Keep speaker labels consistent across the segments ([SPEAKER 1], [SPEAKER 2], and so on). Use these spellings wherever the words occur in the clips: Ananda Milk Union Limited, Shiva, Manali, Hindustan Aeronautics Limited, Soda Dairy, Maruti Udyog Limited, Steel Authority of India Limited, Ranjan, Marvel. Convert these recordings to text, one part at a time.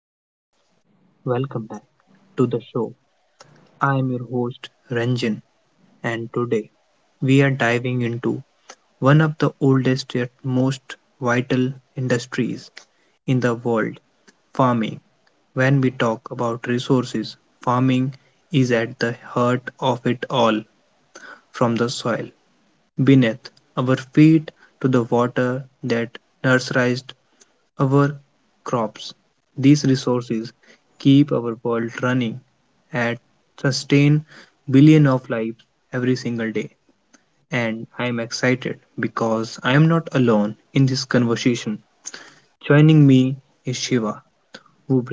[SPEAKER 1] Hey everyone, welcome back to the show. I am your host Ranjan, and today we are diving into one of the oldest yet most vital industries in the world farming. When we talk about resources, farming is at the heart of it all from the soil beneath our feet to the water that nurtured our crops. These resources keep our world running and sustain billion of lives every single day. And I am excited because I am not alone in this conversation. Joining me is Shiva,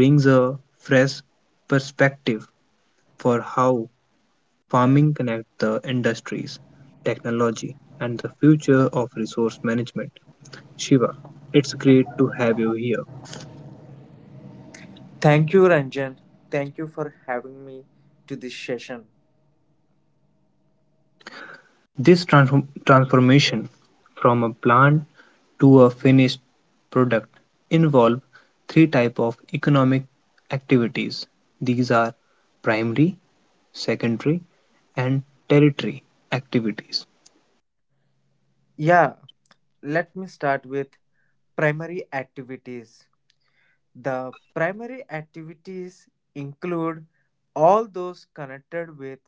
[SPEAKER 1] who brings a fresh perspective for how farming connects the industries, technology, and the future of resource management. Shiva, it's great to have you here.
[SPEAKER 2] Thank you, Ranjan. Thank you for having me to this session.
[SPEAKER 1] This transformation from a plant to a finished product involve three type of economic activities. These are primary, secondary, and tertiary activities.
[SPEAKER 2] Yeah, let me start with primary activities. The primary activities include all those connected with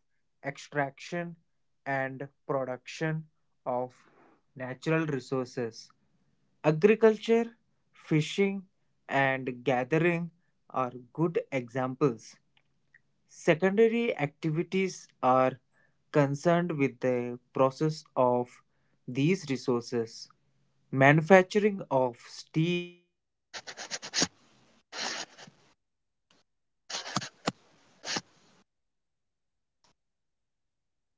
[SPEAKER 2] extraction and production of natural resources. Agriculture, fishing, and gathering are good examples. Secondary activities are concerned with the process of these resources manufacturing of steel, baking of bread, and weaving of cloth are examples of this activity.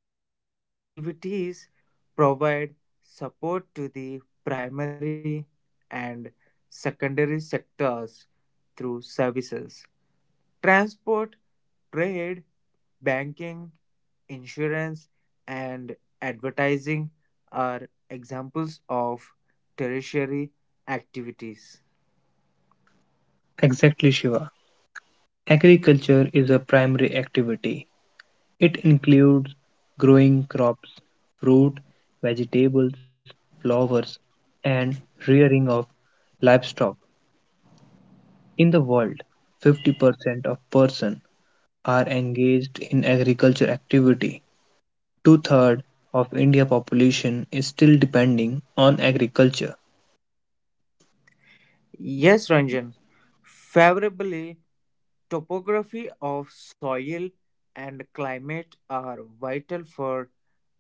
[SPEAKER 2] Tertiary activities provide support to the primary and secondary sectors through services. Transport, trade, banking, insurance, and advertising are examples of tertiary activities.
[SPEAKER 1] Exactly, Shiva. Agriculture is a primary activity. It includes growing crops, fruit, vegetables, flowers, and rearing of livestock. In the world, 50% of persons are engaged in agriculture activity. Two-thirds of India population is still depending on agriculture.
[SPEAKER 2] Yes, Ranjan. Favorably, topography of soil and climate are vital for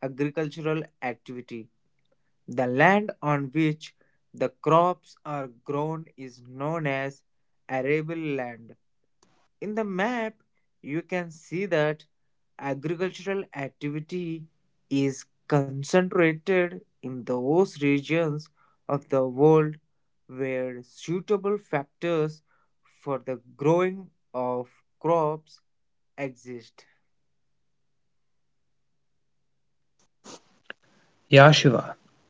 [SPEAKER 2] agricultural activity. The land on which the crops are grown is known as arable land. In the map, you can see that agricultural activity is concentrated in those regions of the world where suitable factors for the growing of crops exist.
[SPEAKER 1] Yeah, Shiva.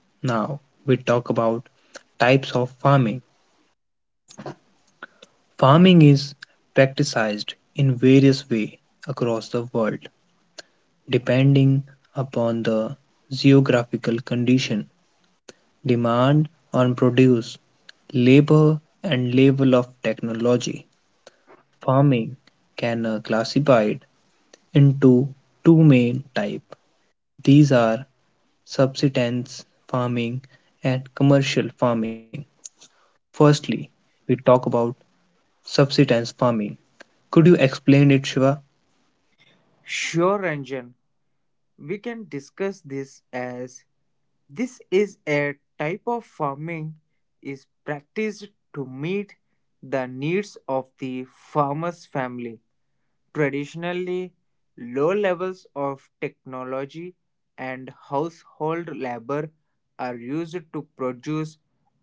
[SPEAKER 1] Now we talk about types of farming. Farming is practiced in various ways across the world, depending upon the geographical condition, demand on produce, labor, and level of technology. Farming can classified into two main type. These are subsistence farming and commercial farming. Firstly, we talk about subsistence farming. Could you explain it, Shiva?
[SPEAKER 2] Sure, Ranjan, we can discuss this as this is a type of farming is practiced to meet the needs of the farmer's family. Traditionally, low levels of technology and household labor are used to produce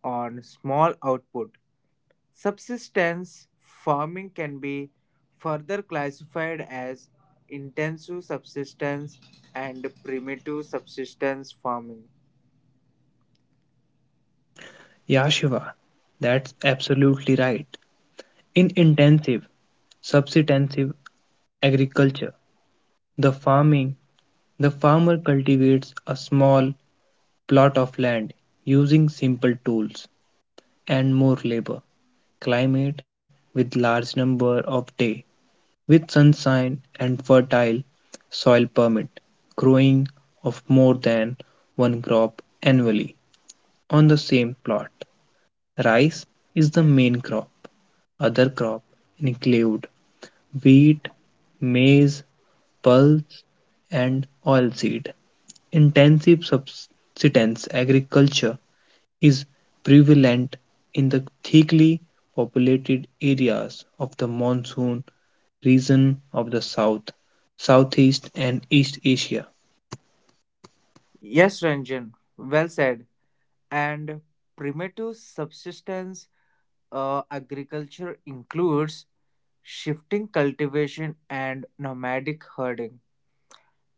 [SPEAKER 2] on small output. Subsistence farming can be further classified as intensive subsistence and primitive subsistence farming.
[SPEAKER 1] Yeah, Shiva, that's absolutely right. In intensive, subsistence agriculture, the farming, the farmer cultivates a small plot of land using simple tools and more labor. Climate with large number of day with sunshine and fertile soil permit growing of more than one crop annually on the same plot. Rice is the main crop. Other crop include wheat, maize, pulse, and oilseed. Intensive subsistence agriculture is prevalent in the thickly populated areas of the monsoon region of the South, Southeast and East Asia.
[SPEAKER 2] Yes, Ranjan, well said. And primitive subsistence agriculture includes shifting cultivation and nomadic herding.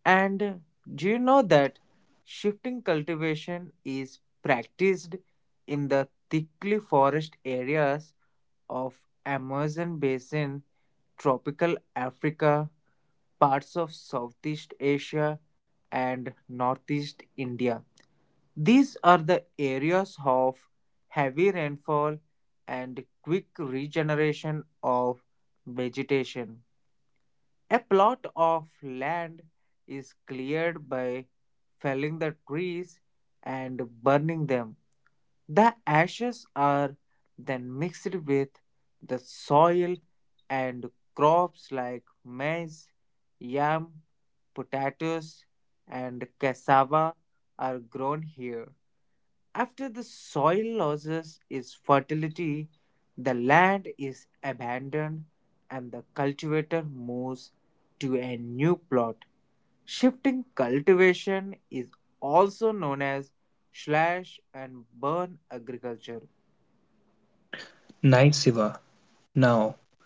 [SPEAKER 2] And do you know that shifting cultivation is practiced in the thickly forest areas of Amazon basin, tropical Africa, parts of Southeast Asia and Northeast India. These are the areas of heavy rainfall and quick regeneration of vegetation. A plot of land is cleared by felling the trees and burning them. The ashes are then mixed with the soil and crops like maize, yam, potatoes, and cassava are grown here. After the soil loses its fertility, the land is abandoned and the cultivator moves to a new plot. Shifting cultivation is also known as slash and burn agriculture.
[SPEAKER 1] Naisiva, now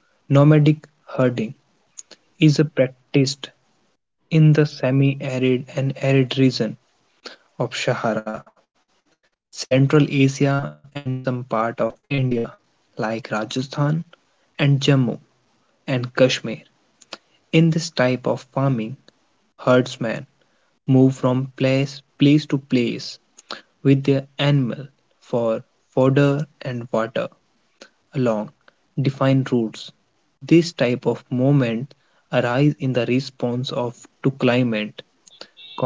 [SPEAKER 1] nomadic herding, is practiced in the semi-arid and arid region of Sahara, Central Asia and some part of India like Rajasthan and Jammu and Kashmir. In this type of farming, herdsmen move from place to place with their animal for fodder and water along defined routes. This type of movement arise in the response of to climate,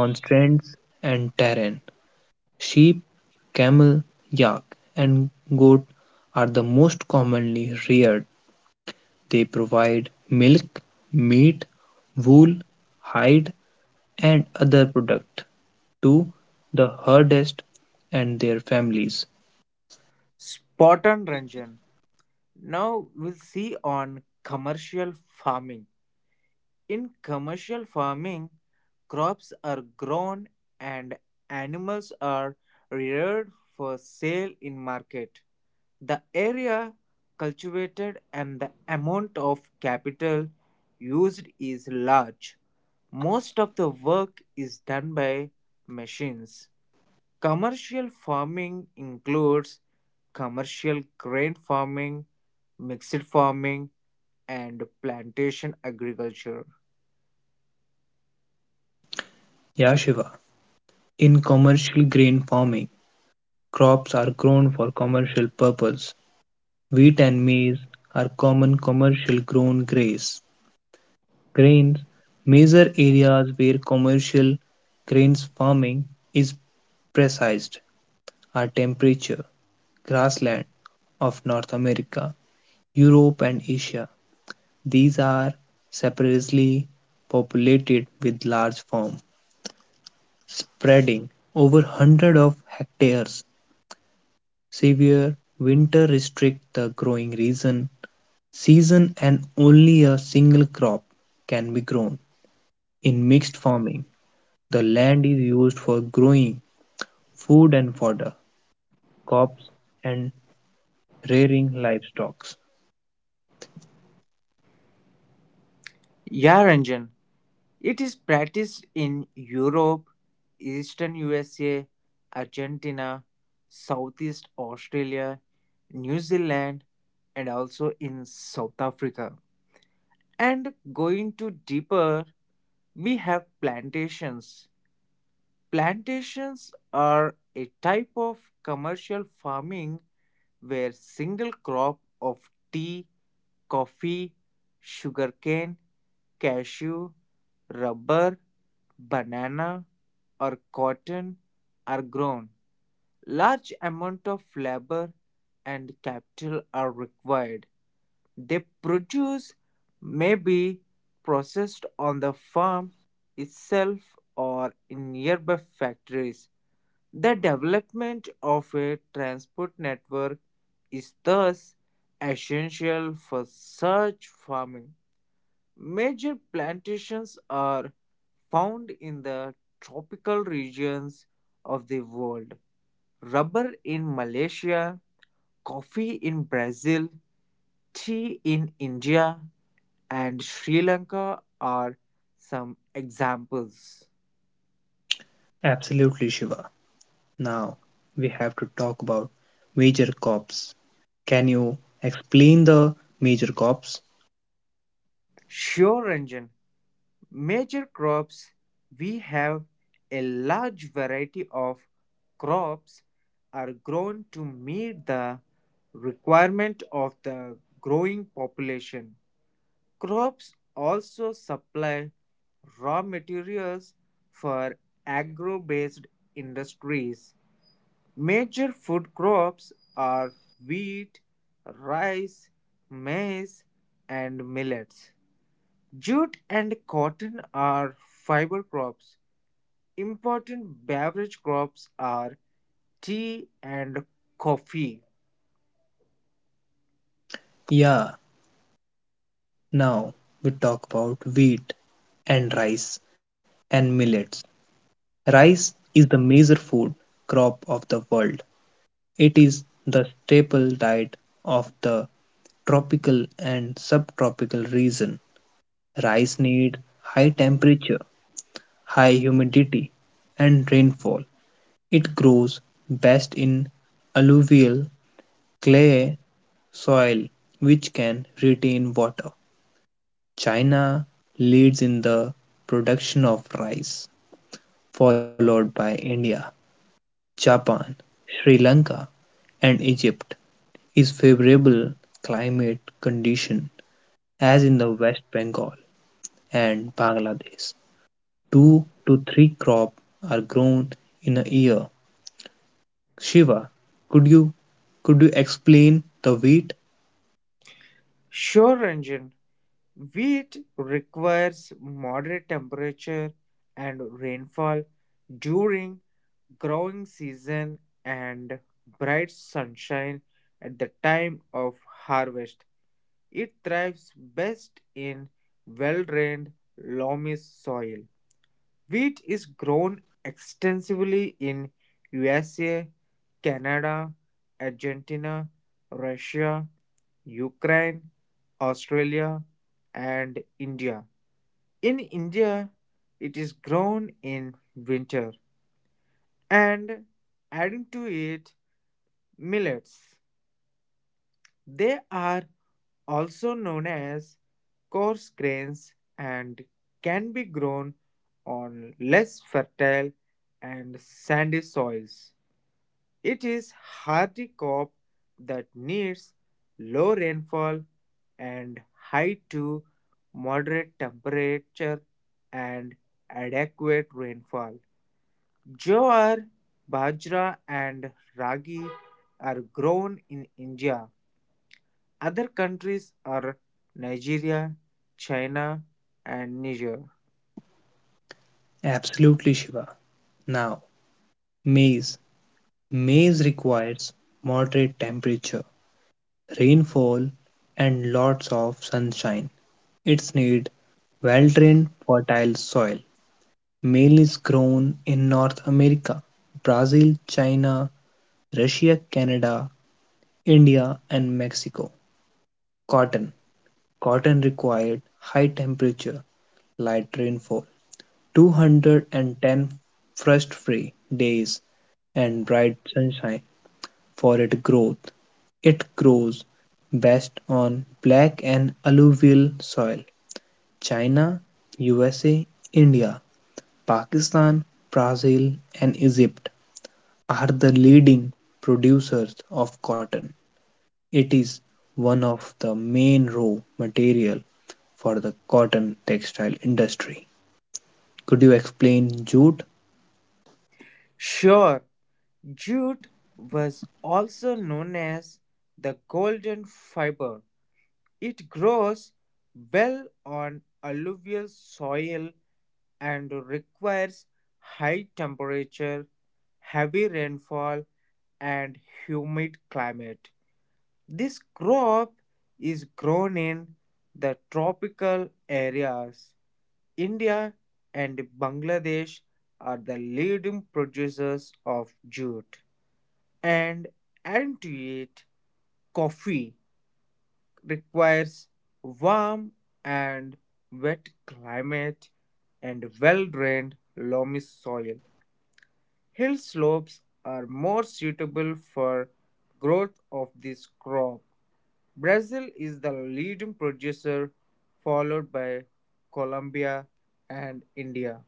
[SPEAKER 1] constraints and terrain. Sheep, camel, yak and goat are the most commonly reared. They provide milk, meat, wool, hide and other product to the herders and their families.
[SPEAKER 2] Spot on, Ranjan. Now we'll see on commercial farming. In commercial farming, crops are grown and animals are reared for sale in market. The area cultivated and the amount of capital used is large. Most of the work is done by machines. Commercial farming includes commercial grain farming, mixed farming, and plantation agriculture.
[SPEAKER 1] Yeah, Shiva. In commercial grain farming, crops are grown for commercial purpose. Wheat and maize are common commercial grown grains. Grains measure areas where commercial grains farming is precised are temperature, grassland of North America, Europe and Asia. These are separately populated with large forms, spreading over hundreds of hectares. Severe winter restrict the growing region. Season and only a single crop can be grown. In mixed farming, the land is used for growing food and fodder, crops and rearing livestock.
[SPEAKER 2] Yaranjan. It is practiced in Europe, eastern USA, Argentina, Southeast Australia, New Zealand, and also in South Africa. And going to deeper, we have plantations. Plantations are a type of commercial farming where single crop of tea, coffee, sugarcane, cashew, rubber, banana, or cotton are grown. Large amount of labor and capital are required they produce may be processed on the farm itself or in nearby factories. The development of a transport network is thus essential for such farming. Major plantations are found in the tropical regions of the world. Rubber in Malaysia, coffee in Brazil, tea in India, and Sri Lanka are some examples.
[SPEAKER 1] Absolutely, Shiva. Now we have to talk about major crops. Can you explain the major crops?
[SPEAKER 2] Sure, Ranjan, major crops we have a large variety of crops are grown to meet the requirement of the growing population. Crops also supply raw materials for agro based industries. Major food crops are wheat, rice, maize, and millets. Jute and cotton are fiber crops. Important beverage crops are tea and coffee.
[SPEAKER 1] Yeah, now we talk about wheat and rice and millets. Rice is the major food crop of the world. It is the staple diet of the tropical and subtropical region. Rice needs high temperature, high humidity and rainfall. It grows best in alluvial clay soil which can retain water. China leads in the production of rice, followed by India, Japan, Sri Lanka and Egypt. Is favorable climate condition as in the West Bengal and Bangladesh. 2 to 3 crop are grown in a year. Shiva, could you could you explain the wheat?
[SPEAKER 2] Sure, wheat requires moderate temperature and rainfall during growing season and bright sunshine at the time of harvest. It thrives best in well-drained loamy soil. Wheat is grown extensively in USA, Canada, Argentina, Russia, Ukraine, Australia, and India. In India, it is grown in winter and adding to it millets. They are also known as coarse grains and can be grown on less fertile and sandy soils. It is hardy crop that needs low rainfall and high to moderate temperature and adequate rainfall. Jowar, bajra and ragi are grown in India, other countries are Nigeria, China, and Niger.
[SPEAKER 1] Absolutely, Shiva. Now, maize. Maize requires moderate temperature, rainfall, and lots of sunshine. It's need well-drained, fertile soil. Maize is grown in North America, Brazil, China, Russia, Canada, India, and Mexico. Cotton. Cotton required high temperature, light rainfall, 210 frost-free days, and bright sunshine for its growth. It grows best on black and alluvial soil. China, USA, India, Pakistan, Brazil, and Egypt are the leading producers of cotton. It is one of the main raw material for the cotton textile industry. Could you explain jute?
[SPEAKER 2] Sure, jute was also known as the golden fiber. It grows well on alluvial soil and requires high temperature, heavy rainfall, and humid climate. This crop is grown in the tropical areas. India and Bangladesh are the leading producers of jute, and adding to it, coffee requires warm and wet climate and well drained loamy soil. Hill slopes are more suitable for growth of this crop. Brazil is the leading producer, followed by Colombia and India.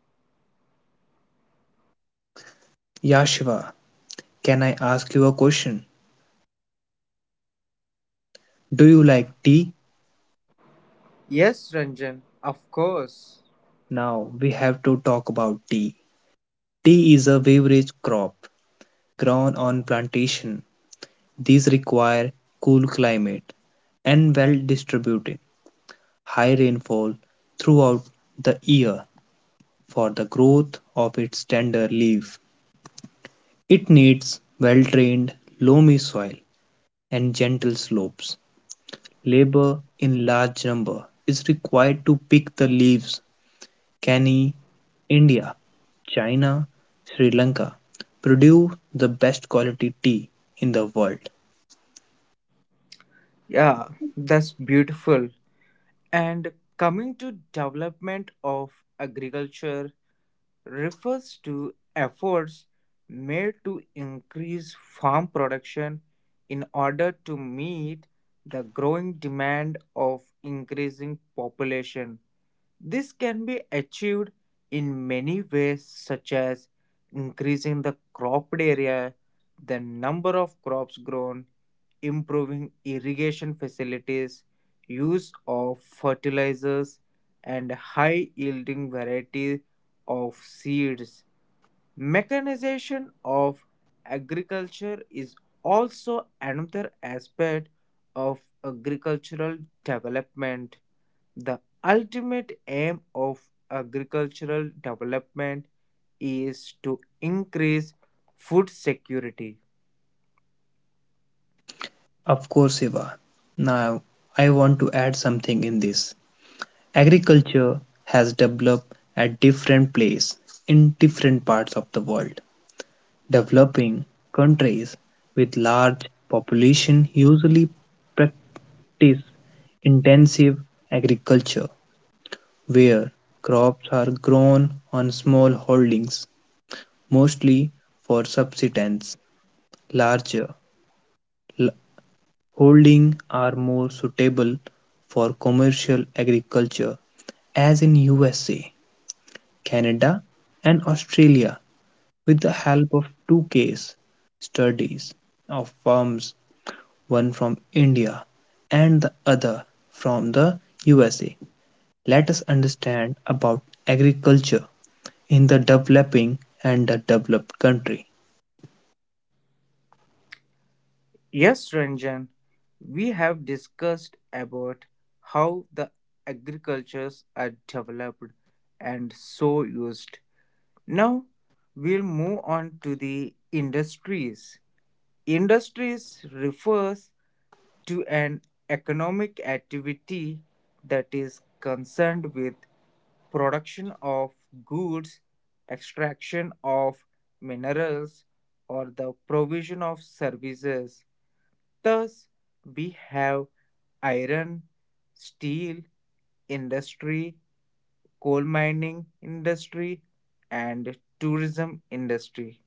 [SPEAKER 1] Yeah, Shiva, can I ask you a question? Do you like tea?
[SPEAKER 2] Yes, Ranjan, of course.
[SPEAKER 1] Now we have to talk about tea. Tea is a beverage crop grown on plantation. These require cool climate and well-distributed high rainfall throughout the year for the growth of its tender leaves. It needs well-drained loamy soil and gentle slopes. Labor in large number is required to pick the leaves. Can India, China, Sri Lanka produce the best quality tea in the world?
[SPEAKER 2] Yeah, that's beautiful. And coming to development of agriculture refers to efforts made to increase farm production in order to meet the growing demand of increasing population. This can be achieved in many ways such as increasing the cropped area, the number of crops grown, improving irrigation facilities, use of fertilizers and high yielding varieties of seeds. Mechanization of agriculture is also another aspect of agricultural development. The ultimate aim of agricultural development is to increase food security.
[SPEAKER 1] Of course, Eva. Now, I want to add something in this. Agriculture has developed at different places in different parts of the world. Developing countries with large population usually practice intensive agriculture where crops are grown on small holdings mostly for subsistence. Larger l- holding are more suitable for commercial agriculture as in USA, Canada and Australia with the help of two case studies of firms, one from India and the other from the USA. Let us understand about agriculture in the developing and the developed country.
[SPEAKER 2] Yes, Ranjan, we have discussed about how the agricultures are developed and so used. Now we'll move on to the industries. Industries refers to an economic activity that is concerned with production of goods, extraction of minerals, or the provision of services. Thus, we have iron, steel industry, coal mining industry, and tourism industry.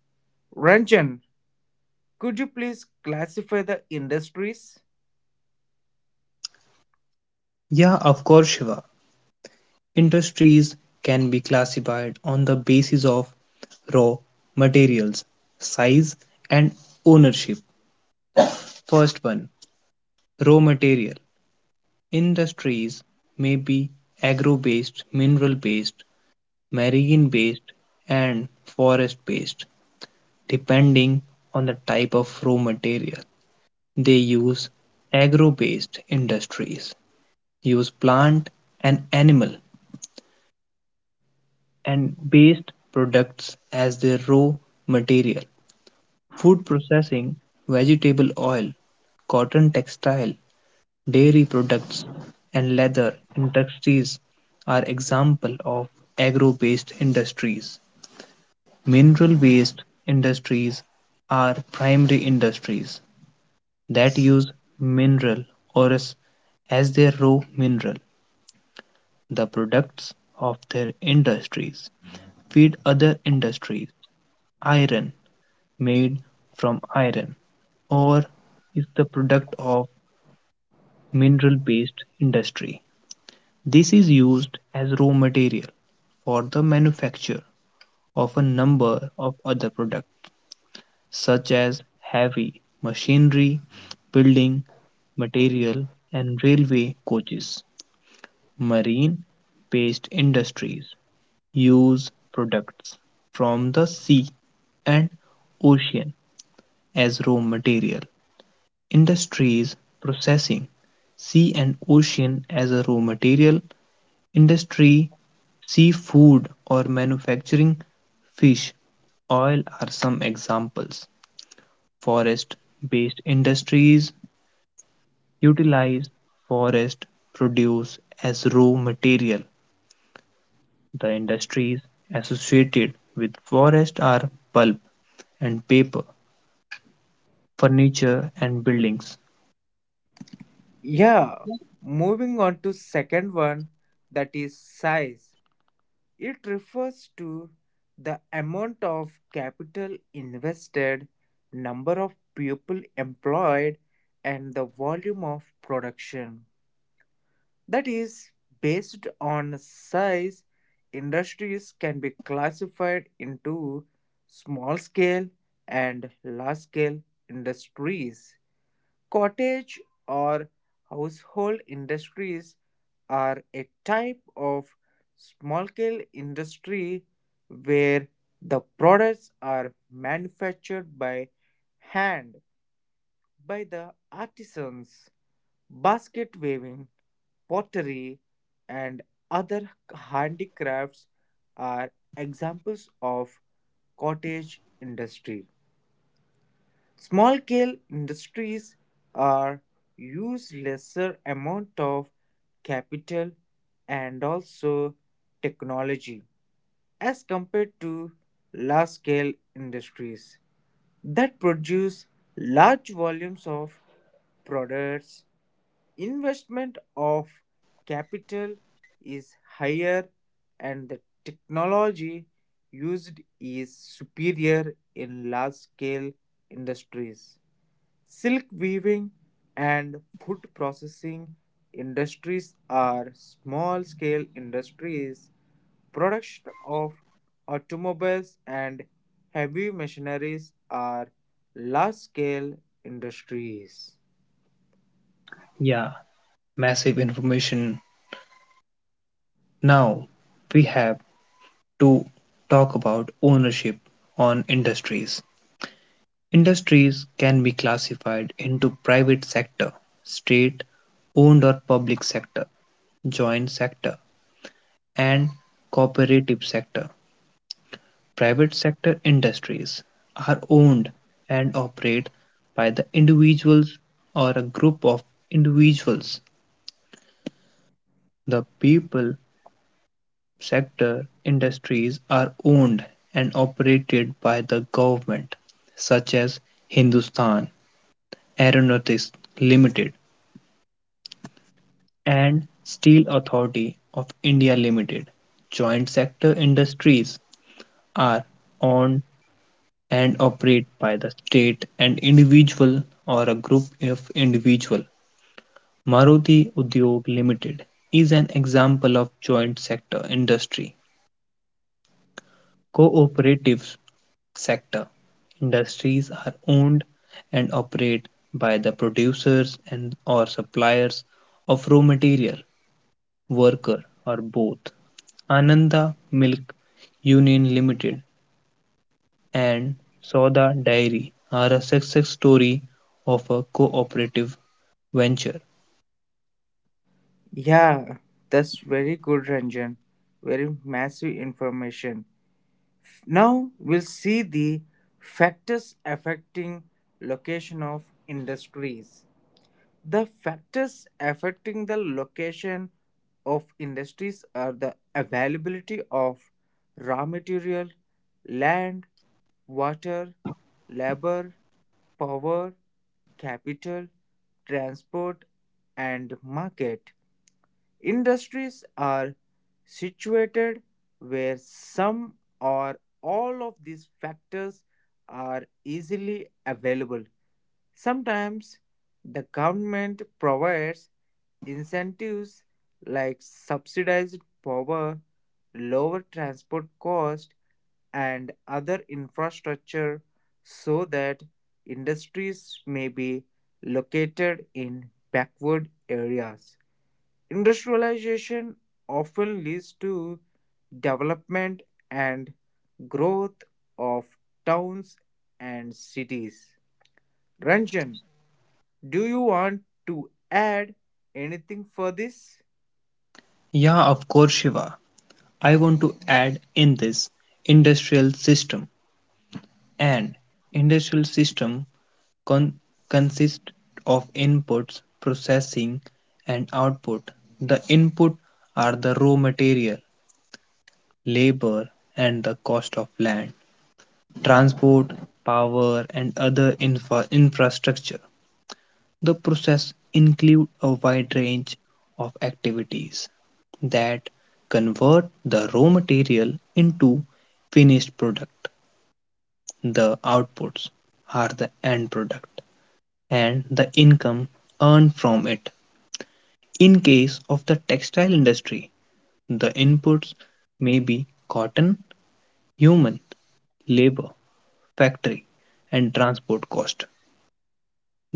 [SPEAKER 2] Ranjan, could you please classify the industries?
[SPEAKER 1] Yeah, of course, Shiva. Industries can be classified on the basis of raw materials, size, and ownership. First one, raw material. Industries may be agro-based, mineral-based, marine-based, and forest-based, depending on the type of raw material. They use agro-based industries, use plant and animal and based products as their raw material. Food processing, vegetable oil, cotton textile, dairy products, and leather industries are example of agro-based industries. Mineral-based industries are primary industries that use mineral ores as their raw mineral. The products of their industries feed other industries. Iron made from iron ore is the product of mineral-based industry. This is used as raw material for the manufacture of a number of other products such as heavy machinery, building material and railway coaches. Marine-based industries use products from the sea and ocean as raw material. Industries processing sea and ocean as a raw material industry, seafood or manufacturing, fish, oil are some examples. Forest-based industries utilize forest produce as raw material. The industries associated with forest are pulp and paper, furniture and buildings.
[SPEAKER 2] Yeah, moving on to second one that is size. It refers to the amount of capital invested, number of people employed, and the volume of production. That is, based on size, industries can be classified into small scale and large scale industries. Cottage or household industries are a type of small-scale industry where the products are manufactured by hand by the artisans. Basket weaving, pottery, and other handicrafts are examples of cottage industry. Small-scale industries are use lesser amount of capital and also technology as compared to large-scale industries that produce large volumes of products. Investment of capital is higher and the technology used is superior in large-scale industries. Silk weaving and food processing industries are small scale industries. Production of automobiles and heavy machineries are large scale industries.
[SPEAKER 1] Yeah, massive information. Now we have to talk about ownership on industries. Industries can be classified into private sector, state-owned or public sector, joint sector, and cooperative sector. Private sector industries are owned and operate by the individuals or a group of individuals. The people sector industries are owned and operated by the government, such as Hindustan Aeronautics Limited and Steel Authority of India Limited. Joint sector industries are owned and operated by the state and individual or a group of individual. Maruti Udyog Limited is an example of joint sector industry. Cooperative sector industries are owned and operated by the producers and or suppliers of raw material, worker or both. Ananda Milk Union Limited and Soda Dairy are a success story of a cooperative venture.
[SPEAKER 2] Yeah, that's very good, Ranjan. Very massive information. Now we'll see the factors affecting location of industries. The factors affecting the location of industries are the availability of raw material, land, water, labor, power, capital, transport, and market. Industries are situated where some or all of these factors are easily available. Sometimes the government provides incentives like subsidized power, lower transport cost, and other infrastructure so that industries may be located in backward areas. Industrialization often leads to development and growth of towns and cities. Ranjan, do you want to add anything for this?
[SPEAKER 1] Yeah, of course, Shiva. I want to add in this industrial system. And industrial system con- consists of inputs, processing, and output. The input are the raw material, labor, and the cost of land, transport, power, and other infrastructure. The process includes a wide range of activities that convert the raw material into finished product. The outputs are the end product and the income earned from it. In case of the textile industry, the inputs may be cotton, human labor, factory, and transport cost.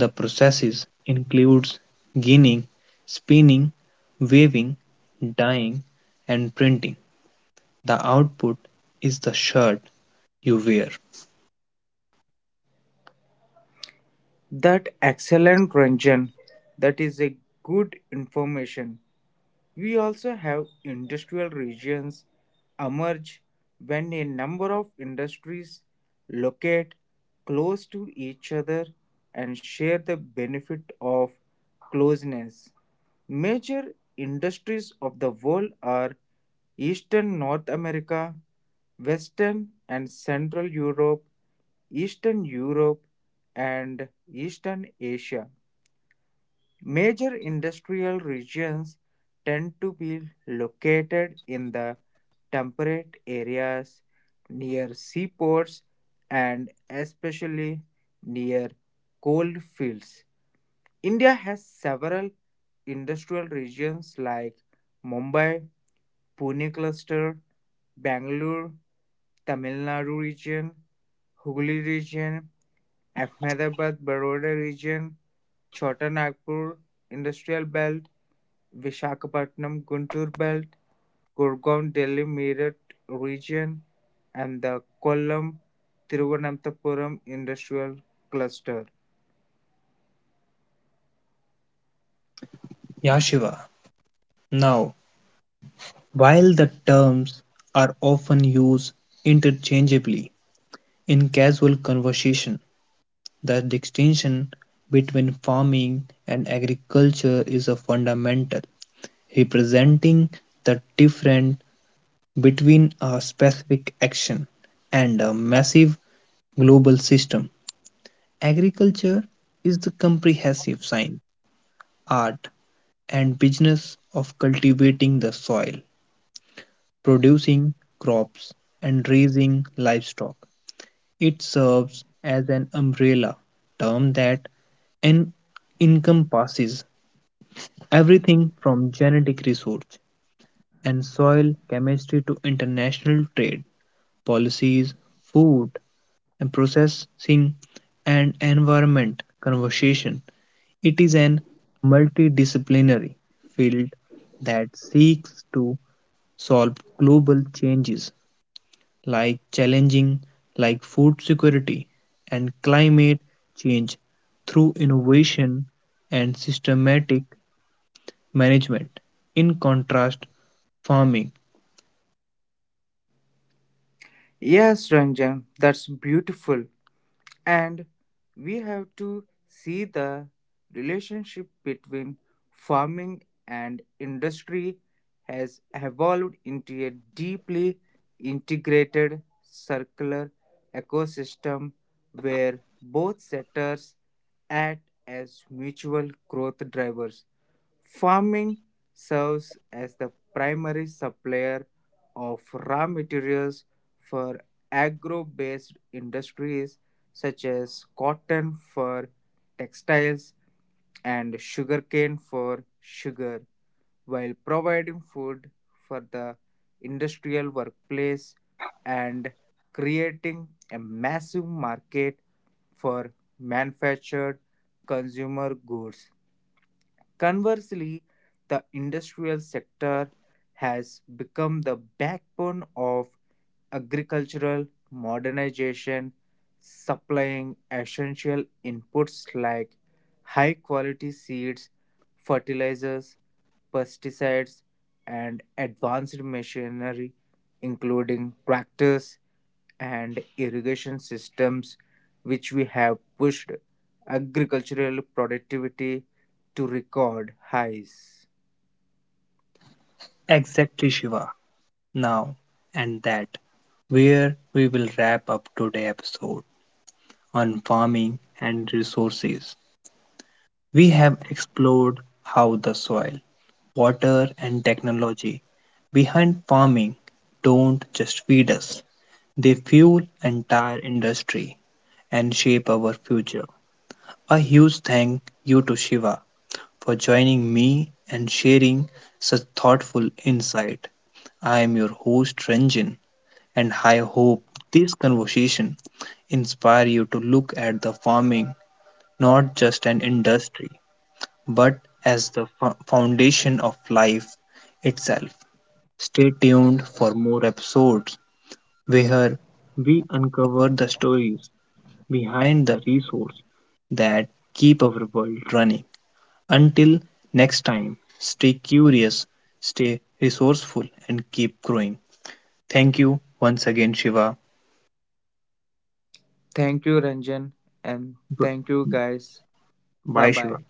[SPEAKER 1] The processes includes ginning, spinning, weaving, dyeing and printing. The output is the shirt you wear.
[SPEAKER 2] That excellent Ranjan. That is a good information. We also have industrial regions emerge when a number of industries locate close to each other and share the benefit of closeness. Major industries of the world are Eastern North America, Western and Central Europe, Eastern Europe, and Eastern Asia. Major industrial regions tend to be located in the temperate areas near seaports and especially near coal fields. India has several industrial regions like Mumbai, Pune cluster, Bangalore, Tamil Nadu region, Hooghly region, Ahmedabad Baroda region, Chota Nagpur industrial belt, Visakhapatnam Guntur belt, Gurgaon Delhi Meerut region, and the Kollam Thiruvananthapuram industrial cluster.
[SPEAKER 1] Yashiva. Now, while the terms are often used interchangeably in casual conversation, the distinction between farming and agriculture is a fundamental, representing the different between a specific action and a massive global system. Agriculture is the comprehensive science, art, and business of cultivating the soil, producing crops, and raising livestock. It serves as an umbrella term that en- encompasses everything from genetic research and soil chemistry to international trade policies, food, and processing and environment conversation. It is an multidisciplinary field that seeks to solve global changes like challenging like food security and climate change through innovation and systematic management. In contrast, farming.
[SPEAKER 2] Yes, Ranjan, that's beautiful. And we have to see the relationship between farming and industry has evolved into a deeply integrated circular ecosystem where both sectors act as mutual growth drivers. Farming serves as the primary supplier of raw materials for agro based industries such as cotton for textiles and sugarcane for sugar, while providing food for the industrial workplace and creating a massive market for manufactured consumer goods. Conversely, the industrial sector has become the backbone of agricultural modernization, supplying essential inputs like high quality seeds, fertilizers, pesticides, and advanced machinery, including tractors and irrigation systems, which we have pushed agricultural productivity to record highs.
[SPEAKER 1] Exactly, Shiva. Now and that, where we will wrap up today's episode on farming and resources. We have explored how the soil, water, and technology behind farming don't just feed us, they fuel entire industry and shape our future. A huge thank you to Shiva for joining me and sharing such thoughtful insight. I am your host Ranjan and I hope this conversation inspire you to look at the farming not just an industry, but as the foundation of life itself. Stay tuned for more episodes where we uncover the stories behind the resources that keep our world running. Until next time, stay curious, stay resourceful, and keep growing. Thank you once again, Shiva.
[SPEAKER 2] Thank you, Ranjan, and
[SPEAKER 1] B-
[SPEAKER 2] thank you, guys. Bye
[SPEAKER 1] Bye,
[SPEAKER 2] bye.
[SPEAKER 1] Shiva.